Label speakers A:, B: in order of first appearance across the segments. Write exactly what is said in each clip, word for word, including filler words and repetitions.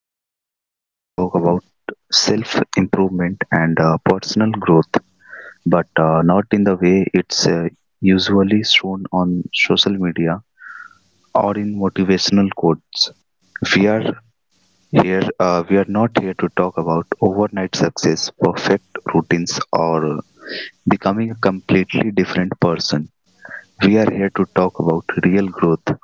A: are uh, going to talk about self improvement and uh, personal growth, but uh, not in the way it's uh, usually shown on social media or in motivational quotes. We are here, uh, we are not here to talk about overnight success, perfect routines, or becoming a completely different person. We are here to talk about real growth.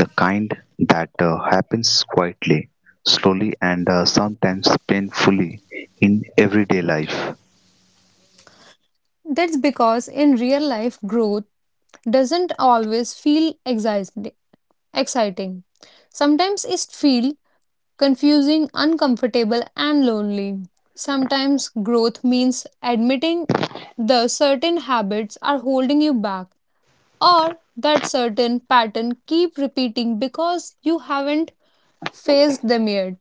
A: The kind that uh, happens quietly, slowly, and uh, sometimes painfully in everyday life.
B: That's because in real life, growth doesn't always feel exi- exciting. Sometimes it feels confusing, uncomfortable, and lonely. Sometimes growth means admitting the certain habits are holding you back or that certain pattern keep repeating because you haven't faced them yet.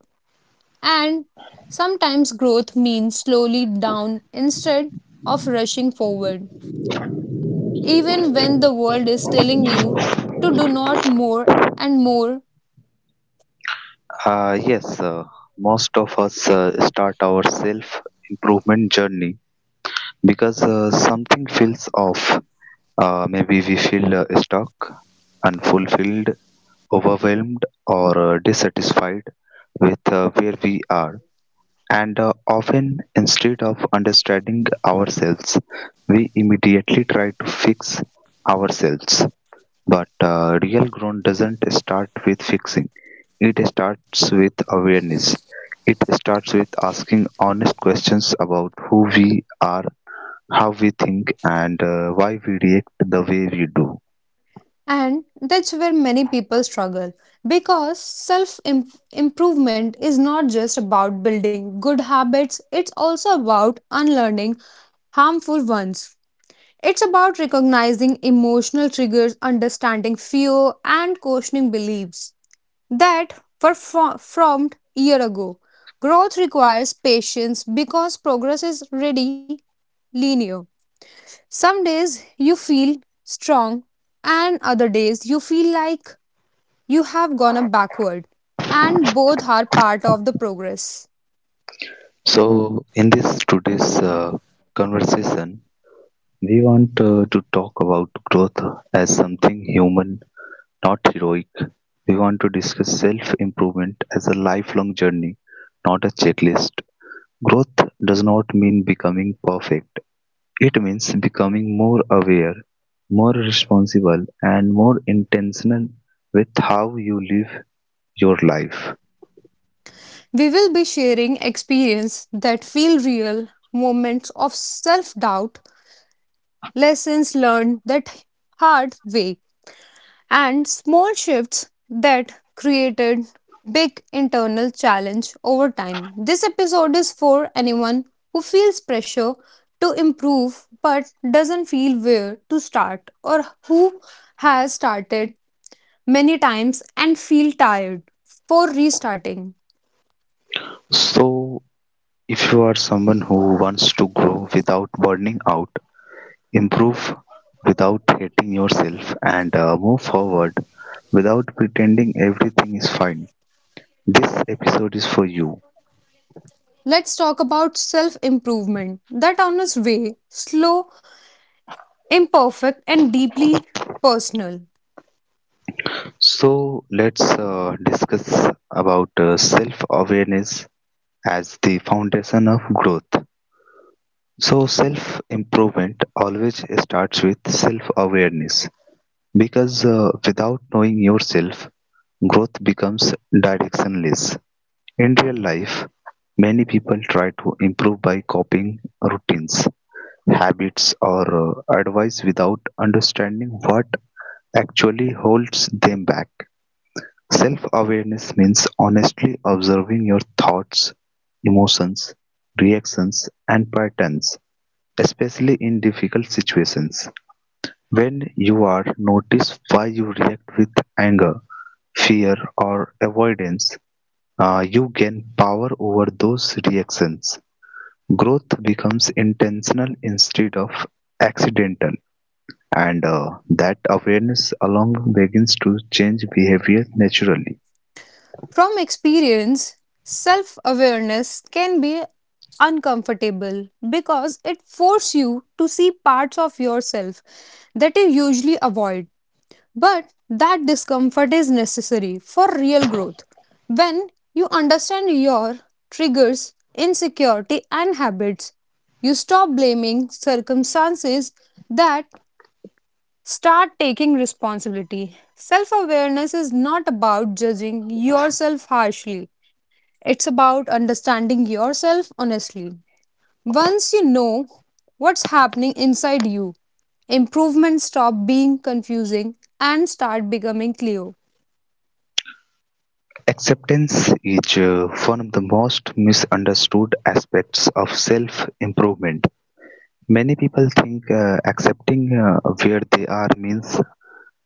B: And sometimes growth means slowly down instead of rushing forward even when the world is telling you to do not more and more.
A: Uh, yes, uh, most of us uh, start our self improvement journey because uh, something feels off. Uh, maybe we feel uh, stuck, unfulfilled, overwhelmed, or uh, dissatisfied with uh, where we are. And uh, often, instead of understanding ourselves, we immediately try to fix ourselves. But uh, real growth doesn't start with fixing, it starts with awareness. It starts with asking honest questions about who we are, how we think, and uh, why we react the way we do.
B: And that's where many people struggle because self im- improvement is not just about building good habits. It's also about unlearning harmful ones. It's about recognizing emotional triggers, understanding fear, and questioning beliefs that were fro- formed year ago. Growth requires patience because progress is ready linear. Some days you feel strong, and other days you feel like you have gone up backward, and both are part of the progress.
A: So, in this today's uh, conversation, we want uh, to talk about growth as something human. Not heroic, we want to discuss self improvement as a lifelong journey, not a checklist. Growth does not mean becoming perfect, it means becoming more aware, more responsible, and more intentional with how you live your life.
B: We will be sharing experience that feel real, moments of self doubt, lessons learned that hard way, and small shifts that created big internal challenge over time. This episode is for anyone who feels pressure to improve but doesn't feel where to start, or who has started many times and feel tired for restarting.
A: So, if you are someone who wants to grow without burning out, improve without hating yourself, and uh, move forward without pretending everything is fine, this episode is for you.
B: Let's talk about self improvement, that honest way, slow, imperfect, and deeply personal.
A: So let's uh, discuss about uh, self-awareness as the foundation of growth. So self-improvement always starts with self-awareness because uh, without knowing yourself, growth becomes directionless. In real life, many people try to improve by copying routines, habits, or uh, advice without understanding what actually holds them back. Self-awareness means honestly observing your thoughts, emotions, reactions and patterns, especially in difficult situations. When you are notice why you react with anger, fear or avoidance, uh, you gain power over those reactions. Growth becomes intentional instead of accidental, and uh, that awareness alone begins to change behavior naturally.
B: From experience, self awareness can be uncomfortable because it forces you to see parts of yourself that you usually avoid. But that discomfort is necessary for real growth. When you understand your triggers, insecurity, and habits, you stop blaming circumstances that start taking responsibility. Self awareness is not about judging yourself harshly, it's about understanding yourself honestly. Once you know what's happening inside you, improvement stop being confusing and start becoming clear.
A: Acceptance is uh, one of the most misunderstood aspects of self-improvement. Many people think uh, accepting uh, where they are means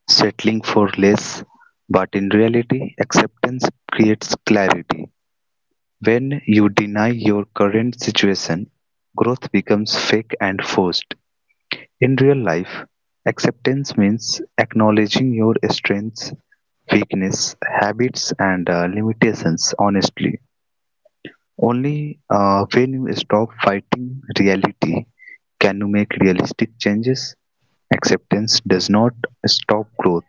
A: settling for less, but in reality, acceptance creates clarity. When you deny your current situation, growth becomes fake and forced. In real life, acceptance means acknowledging your strengths, weakness, habits, and uh, limitations honestly. Only uh, when you stop fighting reality can you make realistic changes. Acceptance does not stop growth,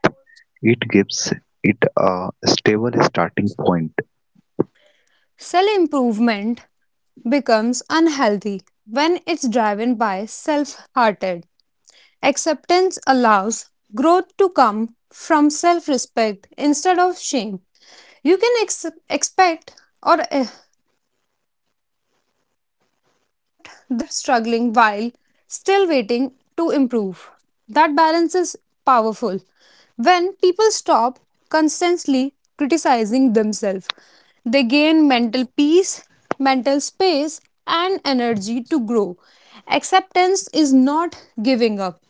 A: it gives it a stable starting point.
B: Self improvement becomes unhealthy when it's driven by self hearted. Acceptance allows growth to come from self respect instead of shame. You can ex- expect or eh, except that you are struggling while still waiting to improve. That balance is powerful. When people stop constantly criticizing themselves, they gain mental peace, mental space, and energy to grow. Acceptance is not giving up,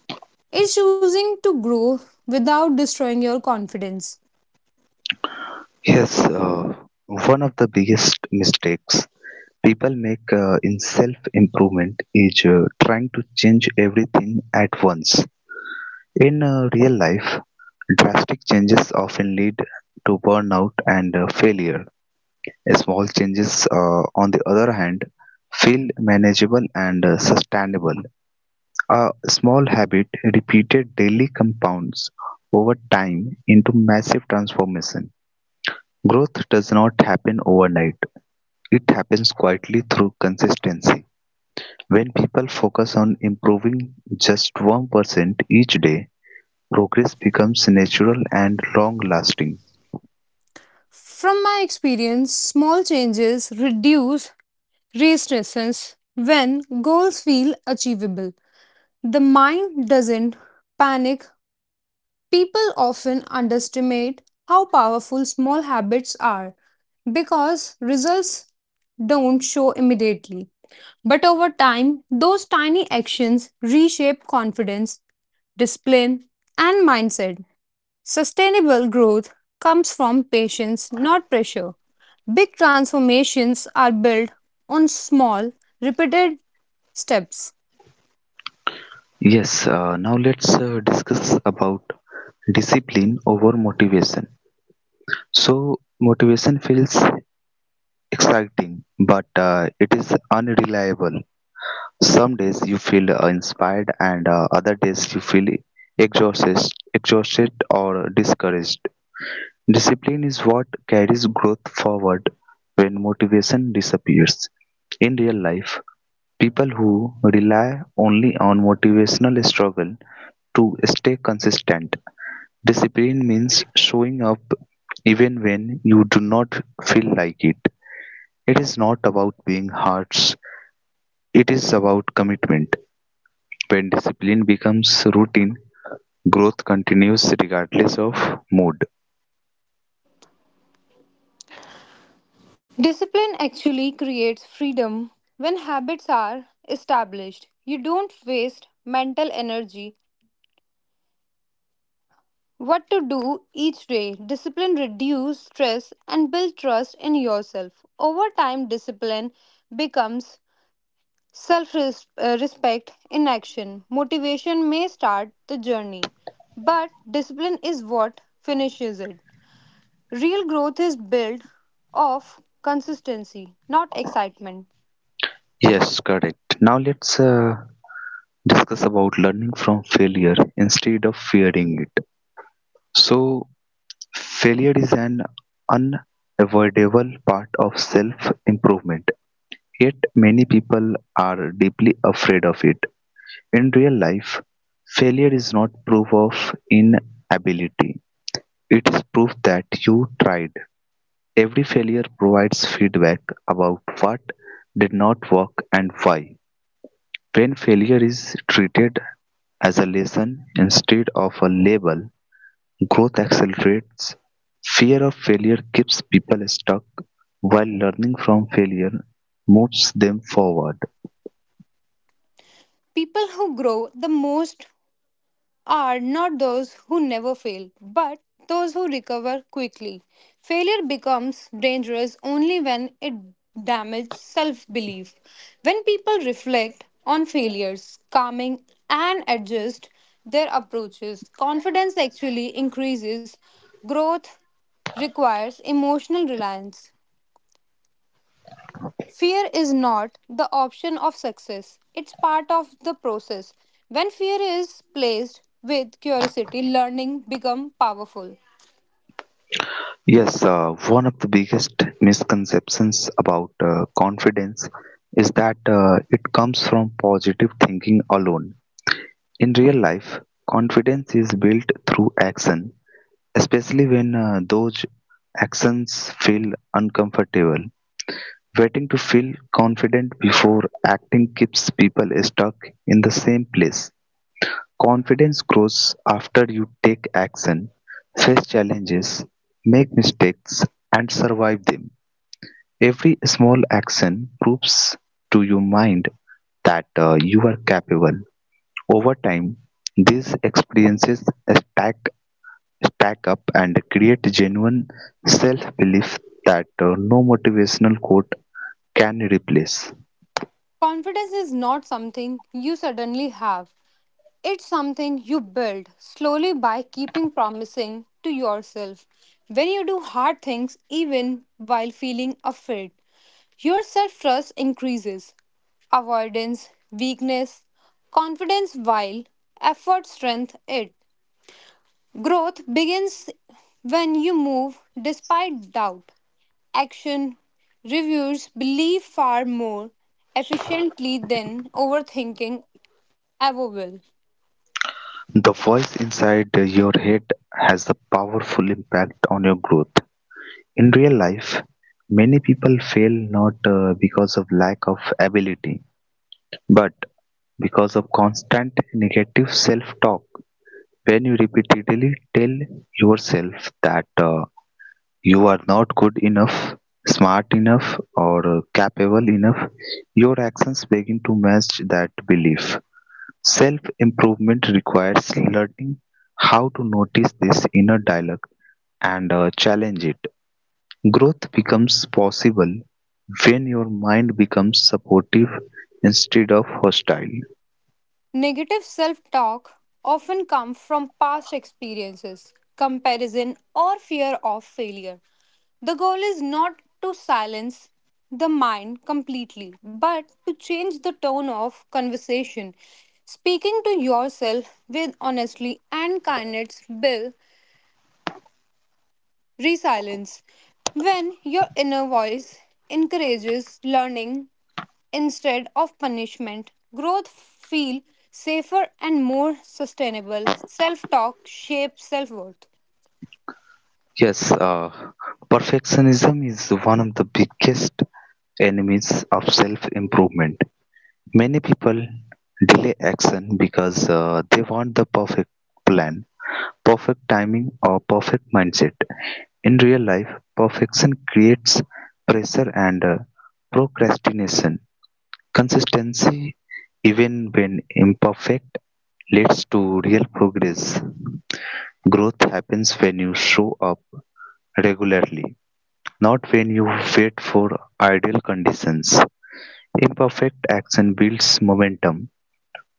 B: it's choosing to grow without destroying your confidence.
A: Yes, uh, one of the biggest mistakes people make uh, in self improvement is uh, trying to change everything at once. In uh, real life, drastic changes often lead to burnout and uh, failure. Small changes, uh, on the other hand, feel manageable and uh, sustainable. A small habit repeated daily compounds over time into massive transformation. Growth does not happen overnight, it happens quietly through consistency. When people focus on improving just one percent each day, progress becomes natural and long lasting.
B: From my experience, small changes reduce restlessness when goals feel achievable. The mind doesn't panic. People often underestimate how powerful small habits are because results don't show immediately. But over time, those tiny actions reshape confidence, discipline, and mindset. Sustainable growth comes from patience, not pressure. Big transformations are built on small, repeated steps.
A: Yes, uh, now let's uh, discuss about discipline over motivation. So motivation feels exciting, but uh, it is unreliable. Some days you feel uh, inspired, and uh, other days you feel exhausted, exhausted or discouraged. Discipline is what carries growth forward when motivation disappears. In real life, people who rely only on motivational struggle to stay consistent. Discipline means showing up even when you do not feel like it. It is not about being harsh, it is about commitment. When discipline becomes routine, growth continues regardless of mood.
C: Discipline actually creates freedom when habits are established. You don't waste mental energy what to do each day. Discipline reduces stress and build trust in yourself. Over time discipline becomes self respect in action. Motivation may start the journey, but discipline is what finishes it. Real growth is built of consistency, not excitement.
A: Yes, correct. Now let's uh, discuss about learning from failure instead of fearing it. So, failure is an unavoidable part of self improvement, yet, many people are deeply afraid of it. In real life, failure is not proof of inability. It is proof that you tried; every failure provides feedback about what did not work and why. When failure is treated as a lesson instead of a label, growth accelerates. Fear of failure keeps people stuck, while learning from failure moves them forward.
C: People who grow the most are not those who never fail, but those who recover quickly. Failure becomes dangerous only when it damages self belief. When people reflect on failures, calming, and adjust their approaches, confidence actually increases. Growth requires emotional reliance. Fear is not the option of success, it's part of the process. When fear is placed with curiosity, learning become powerful.
A: Yes, uh, one of the biggest misconceptions about uh, confidence is that uh, it comes from positive thinking alone. In real life, confidence is built through action, especially when uh, those actions feel uncomfortable. Waiting to feel confident before acting keeps people stuck in the same place. Confidence grows after you take action, face challenges, make mistakes, and survive them. Every small action proves to your mind that uh, you are capable over time, these experiences stack stack up and create genuine self-belief that uh, no motivational quote can replace.
C: Confidence is not something you suddenly have. It's something you build slowly by keeping promising to yourself. When you do hard things even while feeling afraid, your self trust increases. Avoidance, weakness, confidence while effort strength it. Growth begins when you move despite doubt. Action reviewers belief far more efficiently than overthinking ever will.
A: The voice inside your head has a powerful impact on your growth. In real life, many people fail not uh, because of lack of ability, but because of constant negative self talk. When you repeatedly tell yourself that uh, you are not good enough, smart enough, or capable enough, your actions begin to match that belief. Self improvement requires learning how to notice this inner dialogue and uh, challenge it. Growth becomes possible when your mind becomes supportive instead of hostile.
C: Negative self talk often comes from past experiences, comparison, or fear of failure. The goal is not to silence the mind completely, but to change the tone of conversation. Speaking to yourself with honesty and kindness builds resilience. When your inner voice encourages learning instead of punishment, growth feel safer and more sustainable. Self-talk shapes self-worth.
A: Yes, uh, perfectionism is one of the biggest enemies of self improvement. Many people delay action because uh, they want the perfect plan, perfect timing, or perfect mindset. In real life, perfection creates pressure and uh, procrastination. Consistency, even when imperfect, leads to real progress. Growth happens when you show up regularly, not when you wait for ideal conditions. Imperfect action builds momentum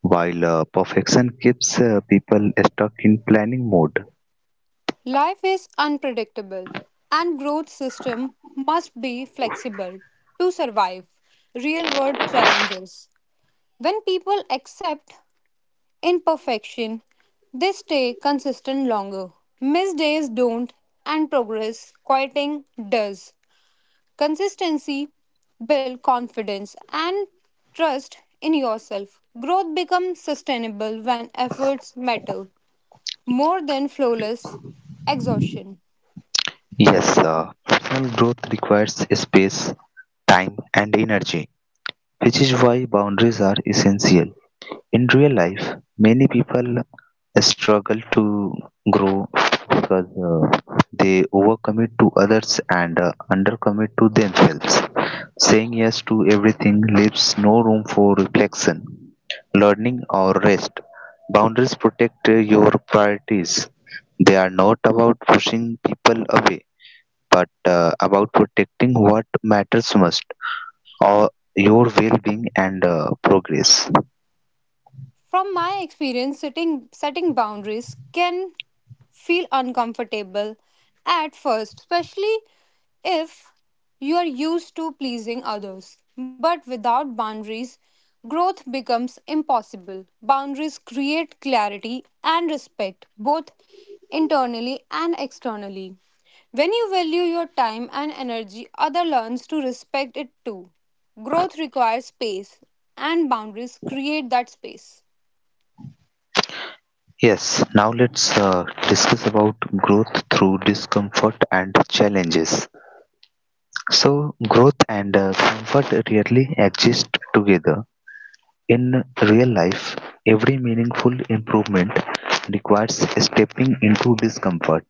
A: while uh, perfection keeps uh, people stuck in planning mode.
C: Life is unpredictable and growth system must be flexible to survive real world challenges. When people accept imperfection, they stay consistent longer. Missed days don't and progress quieting does. Consistency builds confidence and trust in yourself. Growth becomes sustainable when efforts matter more than flawless exhaustion.
A: Yes, uh, personal growth requires space, time, and energy, which is why boundaries are essential. In real life, many people struggle to grow because uh, they overcommit to others and uh, undercommit to themselves. Saying yes to everything leaves no room for reflection, learning, or rest. Boundaries protect uh, your priorities. They are not about pushing people away, but uh, about protecting what matters most, or your well-being and uh, progress.
C: From my experience, setting, setting boundaries can feel uncomfortable at first, especially if you are used to pleasing others. But without boundaries, growth becomes impossible. Boundaries create clarity and respect, both internally and externally. When you value your time and energy, other learns to respect it too. Growth requires space, and boundaries create that space.
A: Yes, now let's uh, discuss about growth through discomfort and challenges. So, growth and uh, comfort rarely exist together. In real life, every meaningful improvement requires stepping into discomfort.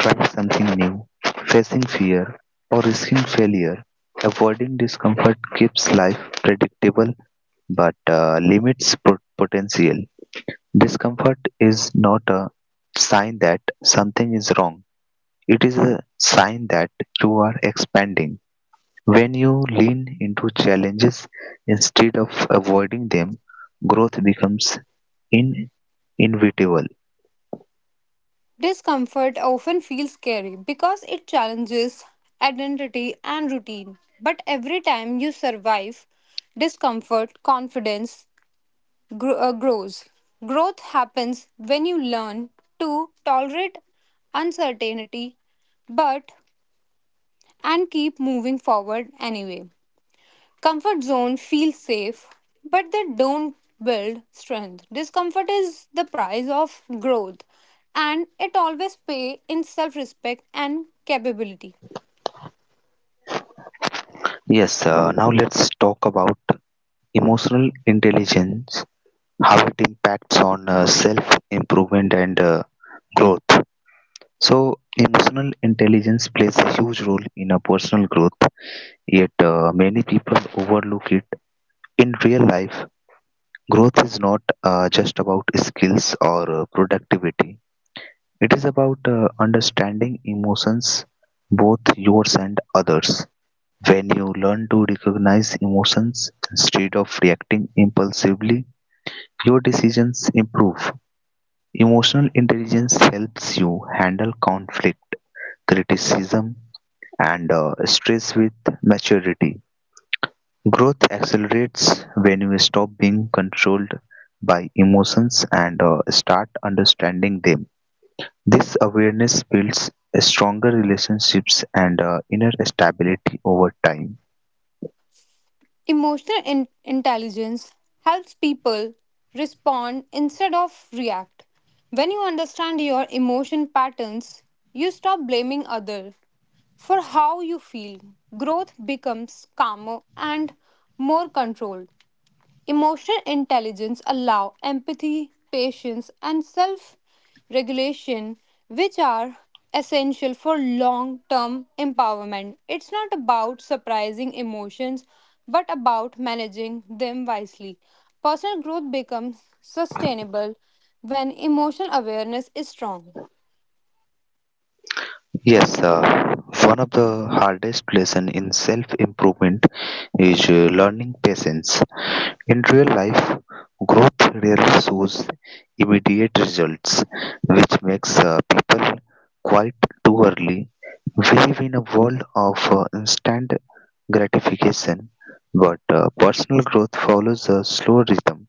A: Trying something new, facing fear, or risking failure, avoiding discomfort keeps life predictable but uh, limits pot- potential. Discomfort is not a sign that something is wrong, it is a sign that you are expanding. When you lean into challenges instead of avoiding them, growth becomes in- inevitable.
C: Discomfort often feels scary because it challenges identity and routine. But every time you survive discomfort, confidence gr- uh, grows. Growth happens when you learn to tolerate uncertainty but and keep moving forward anyway. Comfort zone feels safe, but they don't build strength. Discomfort is the price of growth, and it always pay in self respect and capability.
A: Yes, uh, now let's talk about emotional intelligence, how it impacts on uh, self improvement and uh, growth. So, emotional intelligence plays a huge role in a personal growth, yet, uh, many people overlook it. In real life, growth is not uh, just about skills or uh, productivity, it is about uh, understanding emotions, both yours and others. When you learn to recognize emotions instead of reacting impulsively, your decisions improve. Emotional intelligence helps you handle conflict, criticism, and uh, stress with maturity. Growth accelerates when you stop being controlled by emotions and uh, start understanding them. This awareness builds stronger relationships and uh, inner stability over time.
C: Emotional in- intelligence helps people respond instead of react. When you understand your emotion patterns, you stop blaming others for how you feel. Growth becomes calmer and more controlled. Emotional intelligence allow empathy, patience and self-regulation which are essential for long-term empowerment. It's not about surprising emotions but about managing them wisely. Personal growth becomes sustainable when emotional awareness is strong.
A: Yes, uh, one of the hardest lesson in self improvement is uh, learning patience. In real life, growth rarely shows immediate results, which makes uh, people quite too early. We live in a world of uh, instant gratification. But uh, personal growth follows a slow rhythm.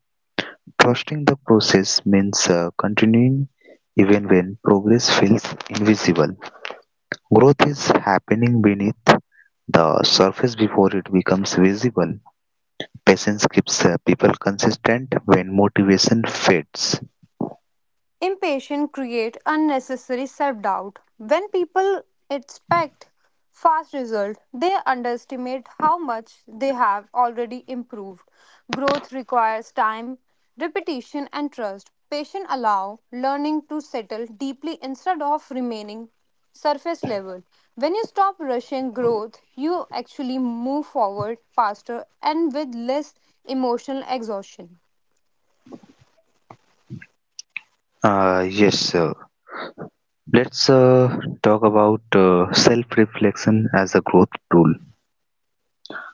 A: Trusting the process means uh, continuing even when progress feels invisible. Growth is happening beneath the surface before it becomes visible. Patience keeps uh, people consistent when motivation fades.
C: Impatience creates unnecessary self doubt. When people expect fast results, they underestimate how much they have already improved. Growth requires time, repetition, and trust. Patience allow learning to settle deeply instead of remaining surface level. When you stop rushing growth, you actually move forward faster and with less emotional exhaustion.
A: Uh, yes, sir. Let's uh, talk about uh, self reflection as a growth tool.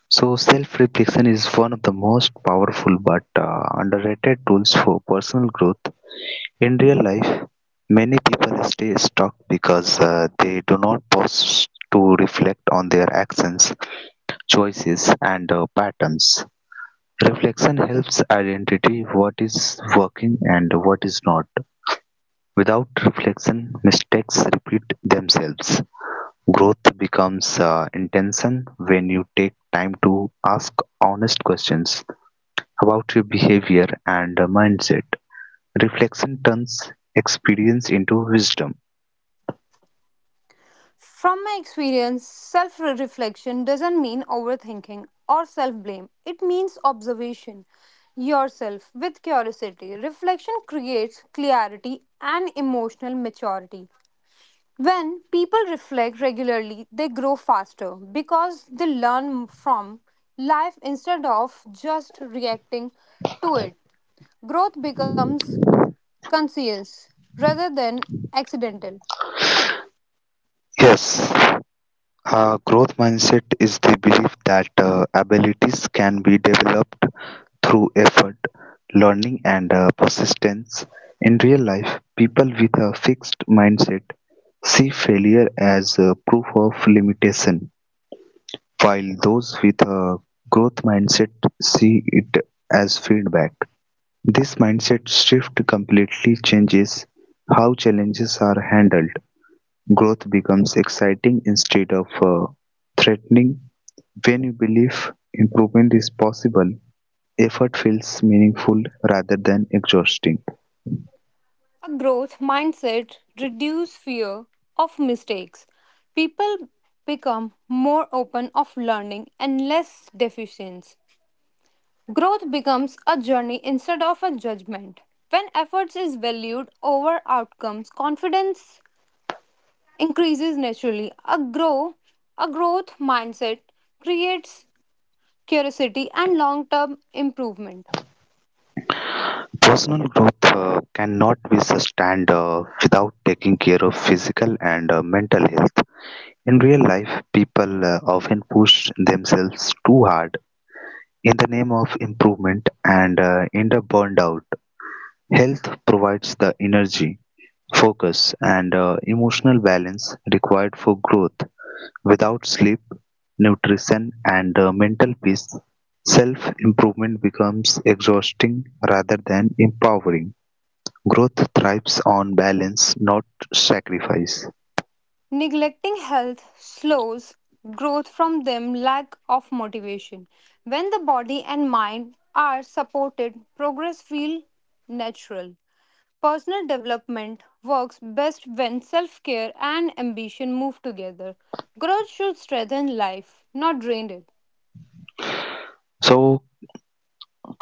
A: So, self reflection is one of the most powerful but uh, underrated tools for personal growth. In real life, many people stay stuck because uh, they do not pause to reflect on their actions, choices, and uh, patterns. Reflection helps identify what is working and what is not. Without reflection, mistakes repeat themselves. Growth becomes uh, intention when you take time to ask honest questions about your behavior and uh, mindset. Reflection turns experience into wisdom.
C: From my experience, self reflection doesn't mean overthinking or self blame. It means observation yourself with curiosity. Reflection creates clarity and emotional maturity. When people reflect regularly, they grow faster because they learn from life instead of just reacting to it. Growth becomes conscious rather than accidental.
A: Yes, uh, growth mindset is the belief that uh, abilities can be developed through effort, learning and uh, persistence. In real life, people with a fixed mindset see failure as a proof of limitation, while those with a growth mindset see it as feedback. This mindset shift completely changes how challenges are handled. Growth becomes exciting instead of uh, threatening when you believe improvement is possible. Effort feels meaningful rather than exhausting.
C: A growth mindset reduces fear of mistakes. People become more open of learning and less deficient. Growth becomes a journey instead of a judgment. When efforts is valued over outcomes, confidence increases naturally. A grow a growth mindset creates curiosity and long-term improvement.
A: Personal growth uh, cannot be sustained uh, without taking care of physical and uh, mental health. In real life, people uh, often push themselves too hard in the name of improvement and uh, end up burned out. Health provides the energy, focus, and uh, emotional balance required for growth. Without sleep, nutrition, and uh, mental peace, self improvement becomes exhausting rather than empowering. Growth thrives on balance, not sacrifice.
C: Neglecting health slows growth from them lack of motivation. When the body and mind are supported, progress feels natural. Personal development works best when self-care and ambition move together. Growth should strengthen life, not drain it.
A: So,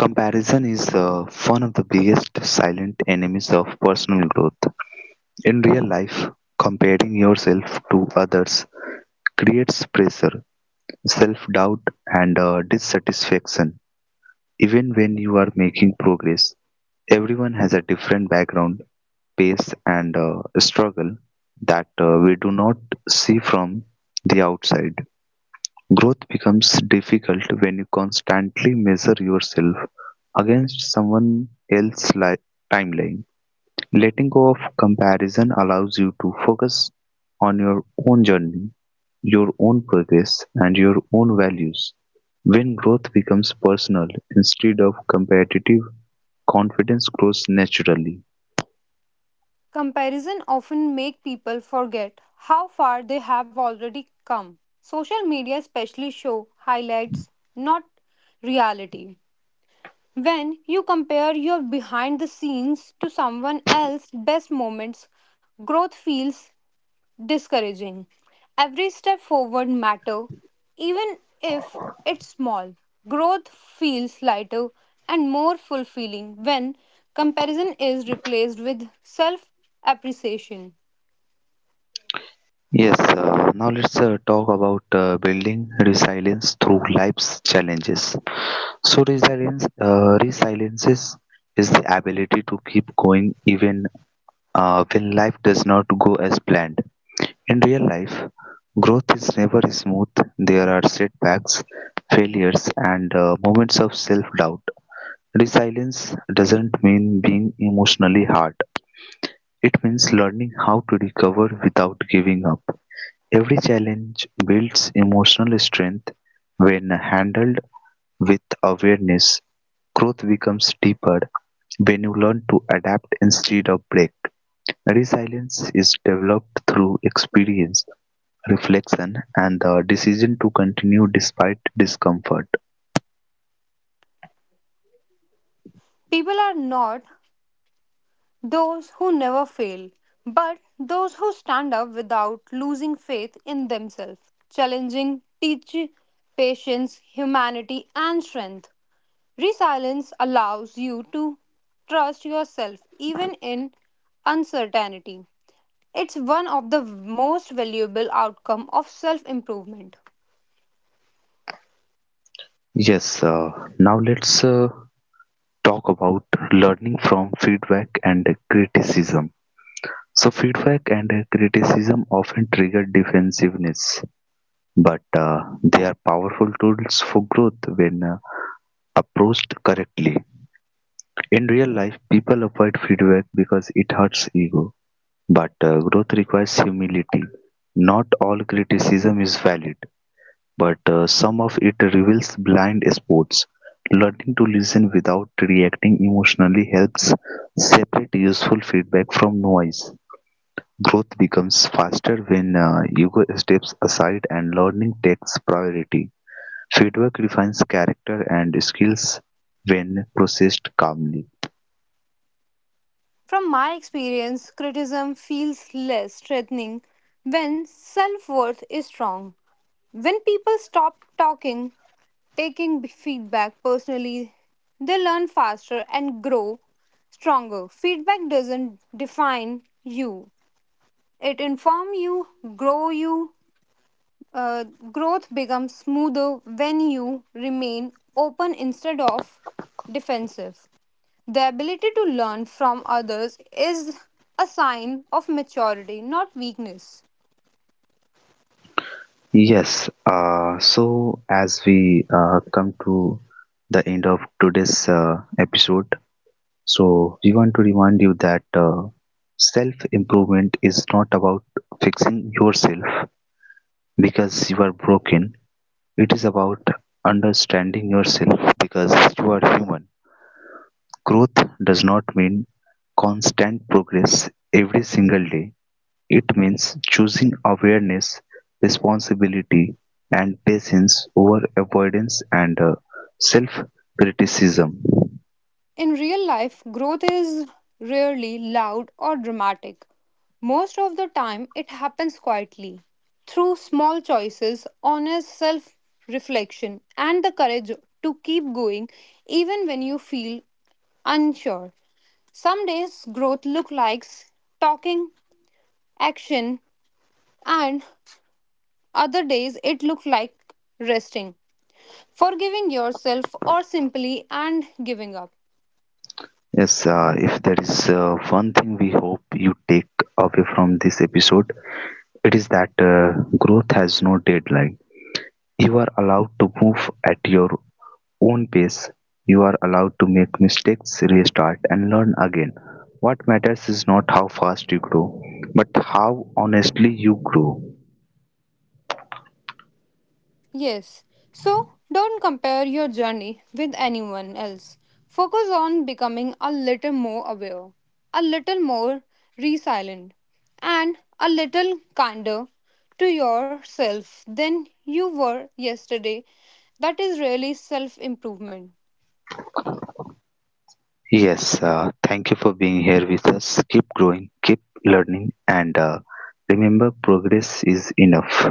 A: comparison is uh, one of the biggest silent enemies of personal growth. In real life, comparing yourself to others creates pressure, self doubt, and uh, dissatisfaction. Even when you are making progress, everyone has a different background, pace and uh, struggle that uh, we do not see from the outside. Growth becomes difficult when you constantly measure yourself against someone else's li- timeline. Letting go of comparison allows you to focus on your own journey, your own progress, and your own values. When growth becomes personal instead of competitive, confidence grows naturally.
C: Comparison often make people forget how far they have already come. Social media especially show highlights, not reality. When you compare your behind the scenes to someone else's best moments, growth feels discouraging. Every step forward matter, even if it's small. Growth feels lighter and more fulfilling when comparison is replaced with self appreciation.
A: Yes, uh, now let's uh, talk about uh, building resilience through life's challenges. So, resilience, uh, resiliences is the ability to keep going even uh, when life does not go as planned. In real life, growth is never smooth. There are setbacks, failures, and uh, moments of self-doubt. Resilience doesn't mean being emotionally hard. It means learning how to recover without giving up. Every challenge builds emotional strength. When handled with awareness, growth becomes deeper when you learn to adapt instead of break. Resilience is developed through experience, reflection, and the decision to continue despite discomfort.
C: People are not those who never fail, but those who stand up without losing faith in themselves, challenging, teach patience, humanity, and strength. Resilience allows you to trust yourself even in uncertainty. It's one of the most valuable outcome of self-improvement.
A: Yes, uh, now let's uh, talk about learning from feedback and criticism. So, feedback and criticism often trigger defensiveness, but uh, they are powerful tools for growth when uh, approached correctly. In real life, people avoid feedback because it hurts ego, but uh, growth requires humility. Not all criticism is valid, but uh, some of it reveals blind spots. Learning to listen without reacting emotionally helps separate useful feedback from noise. Growth becomes faster when uh, ego steps aside and learning takes priority. Feedback refines character and skills when processed calmly.
C: From my experience, criticism feels less threatening when self-worth is strong. When people stop talking taking b- feedback personally, they learn faster and grow stronger. Feedback doesn't define you; it informs you, grow you. Uh, Growth becomes smoother when you remain open instead of defensive. The ability to learn from others is a sign of maturity, not weakness.
A: Yes, uh, so as we uh, come to the end of today's uh, episode, so we want to remind you that uh, self improvement is not about fixing yourself because you are broken, it is about understanding yourself because you are human. Growth does not mean constant progress every single day. It means choosing awareness, responsibility, and patience over avoidance and uh, self-criticism.
C: In real life, growth is rarely loud or dramatic. Most of the time, it happens quietly through small choices, honest self reflection, and the courage to keep going even when you feel unsure. Some days growth looks like talking, action, and other days it looks like resting, forgiving yourself or simply and giving up.
A: Yes, uh, if there is uh, one thing we hope you take away from this episode, it is that uh, growth has no deadline. You are allowed to move at your own pace. You are allowed to make mistakes, restart, and learn again. What matters is not how fast you grow, but how honestly you grow.
C: Yes. So don't compare your journey with anyone else. Focus on becoming a little more aware, a little more resilient, and a little kinder to yourself than you were yesterday. That is really self improvement.
A: Yes, uh, thank you for being here with us. Keep growing, keep learning, and uh, remember progress is enough.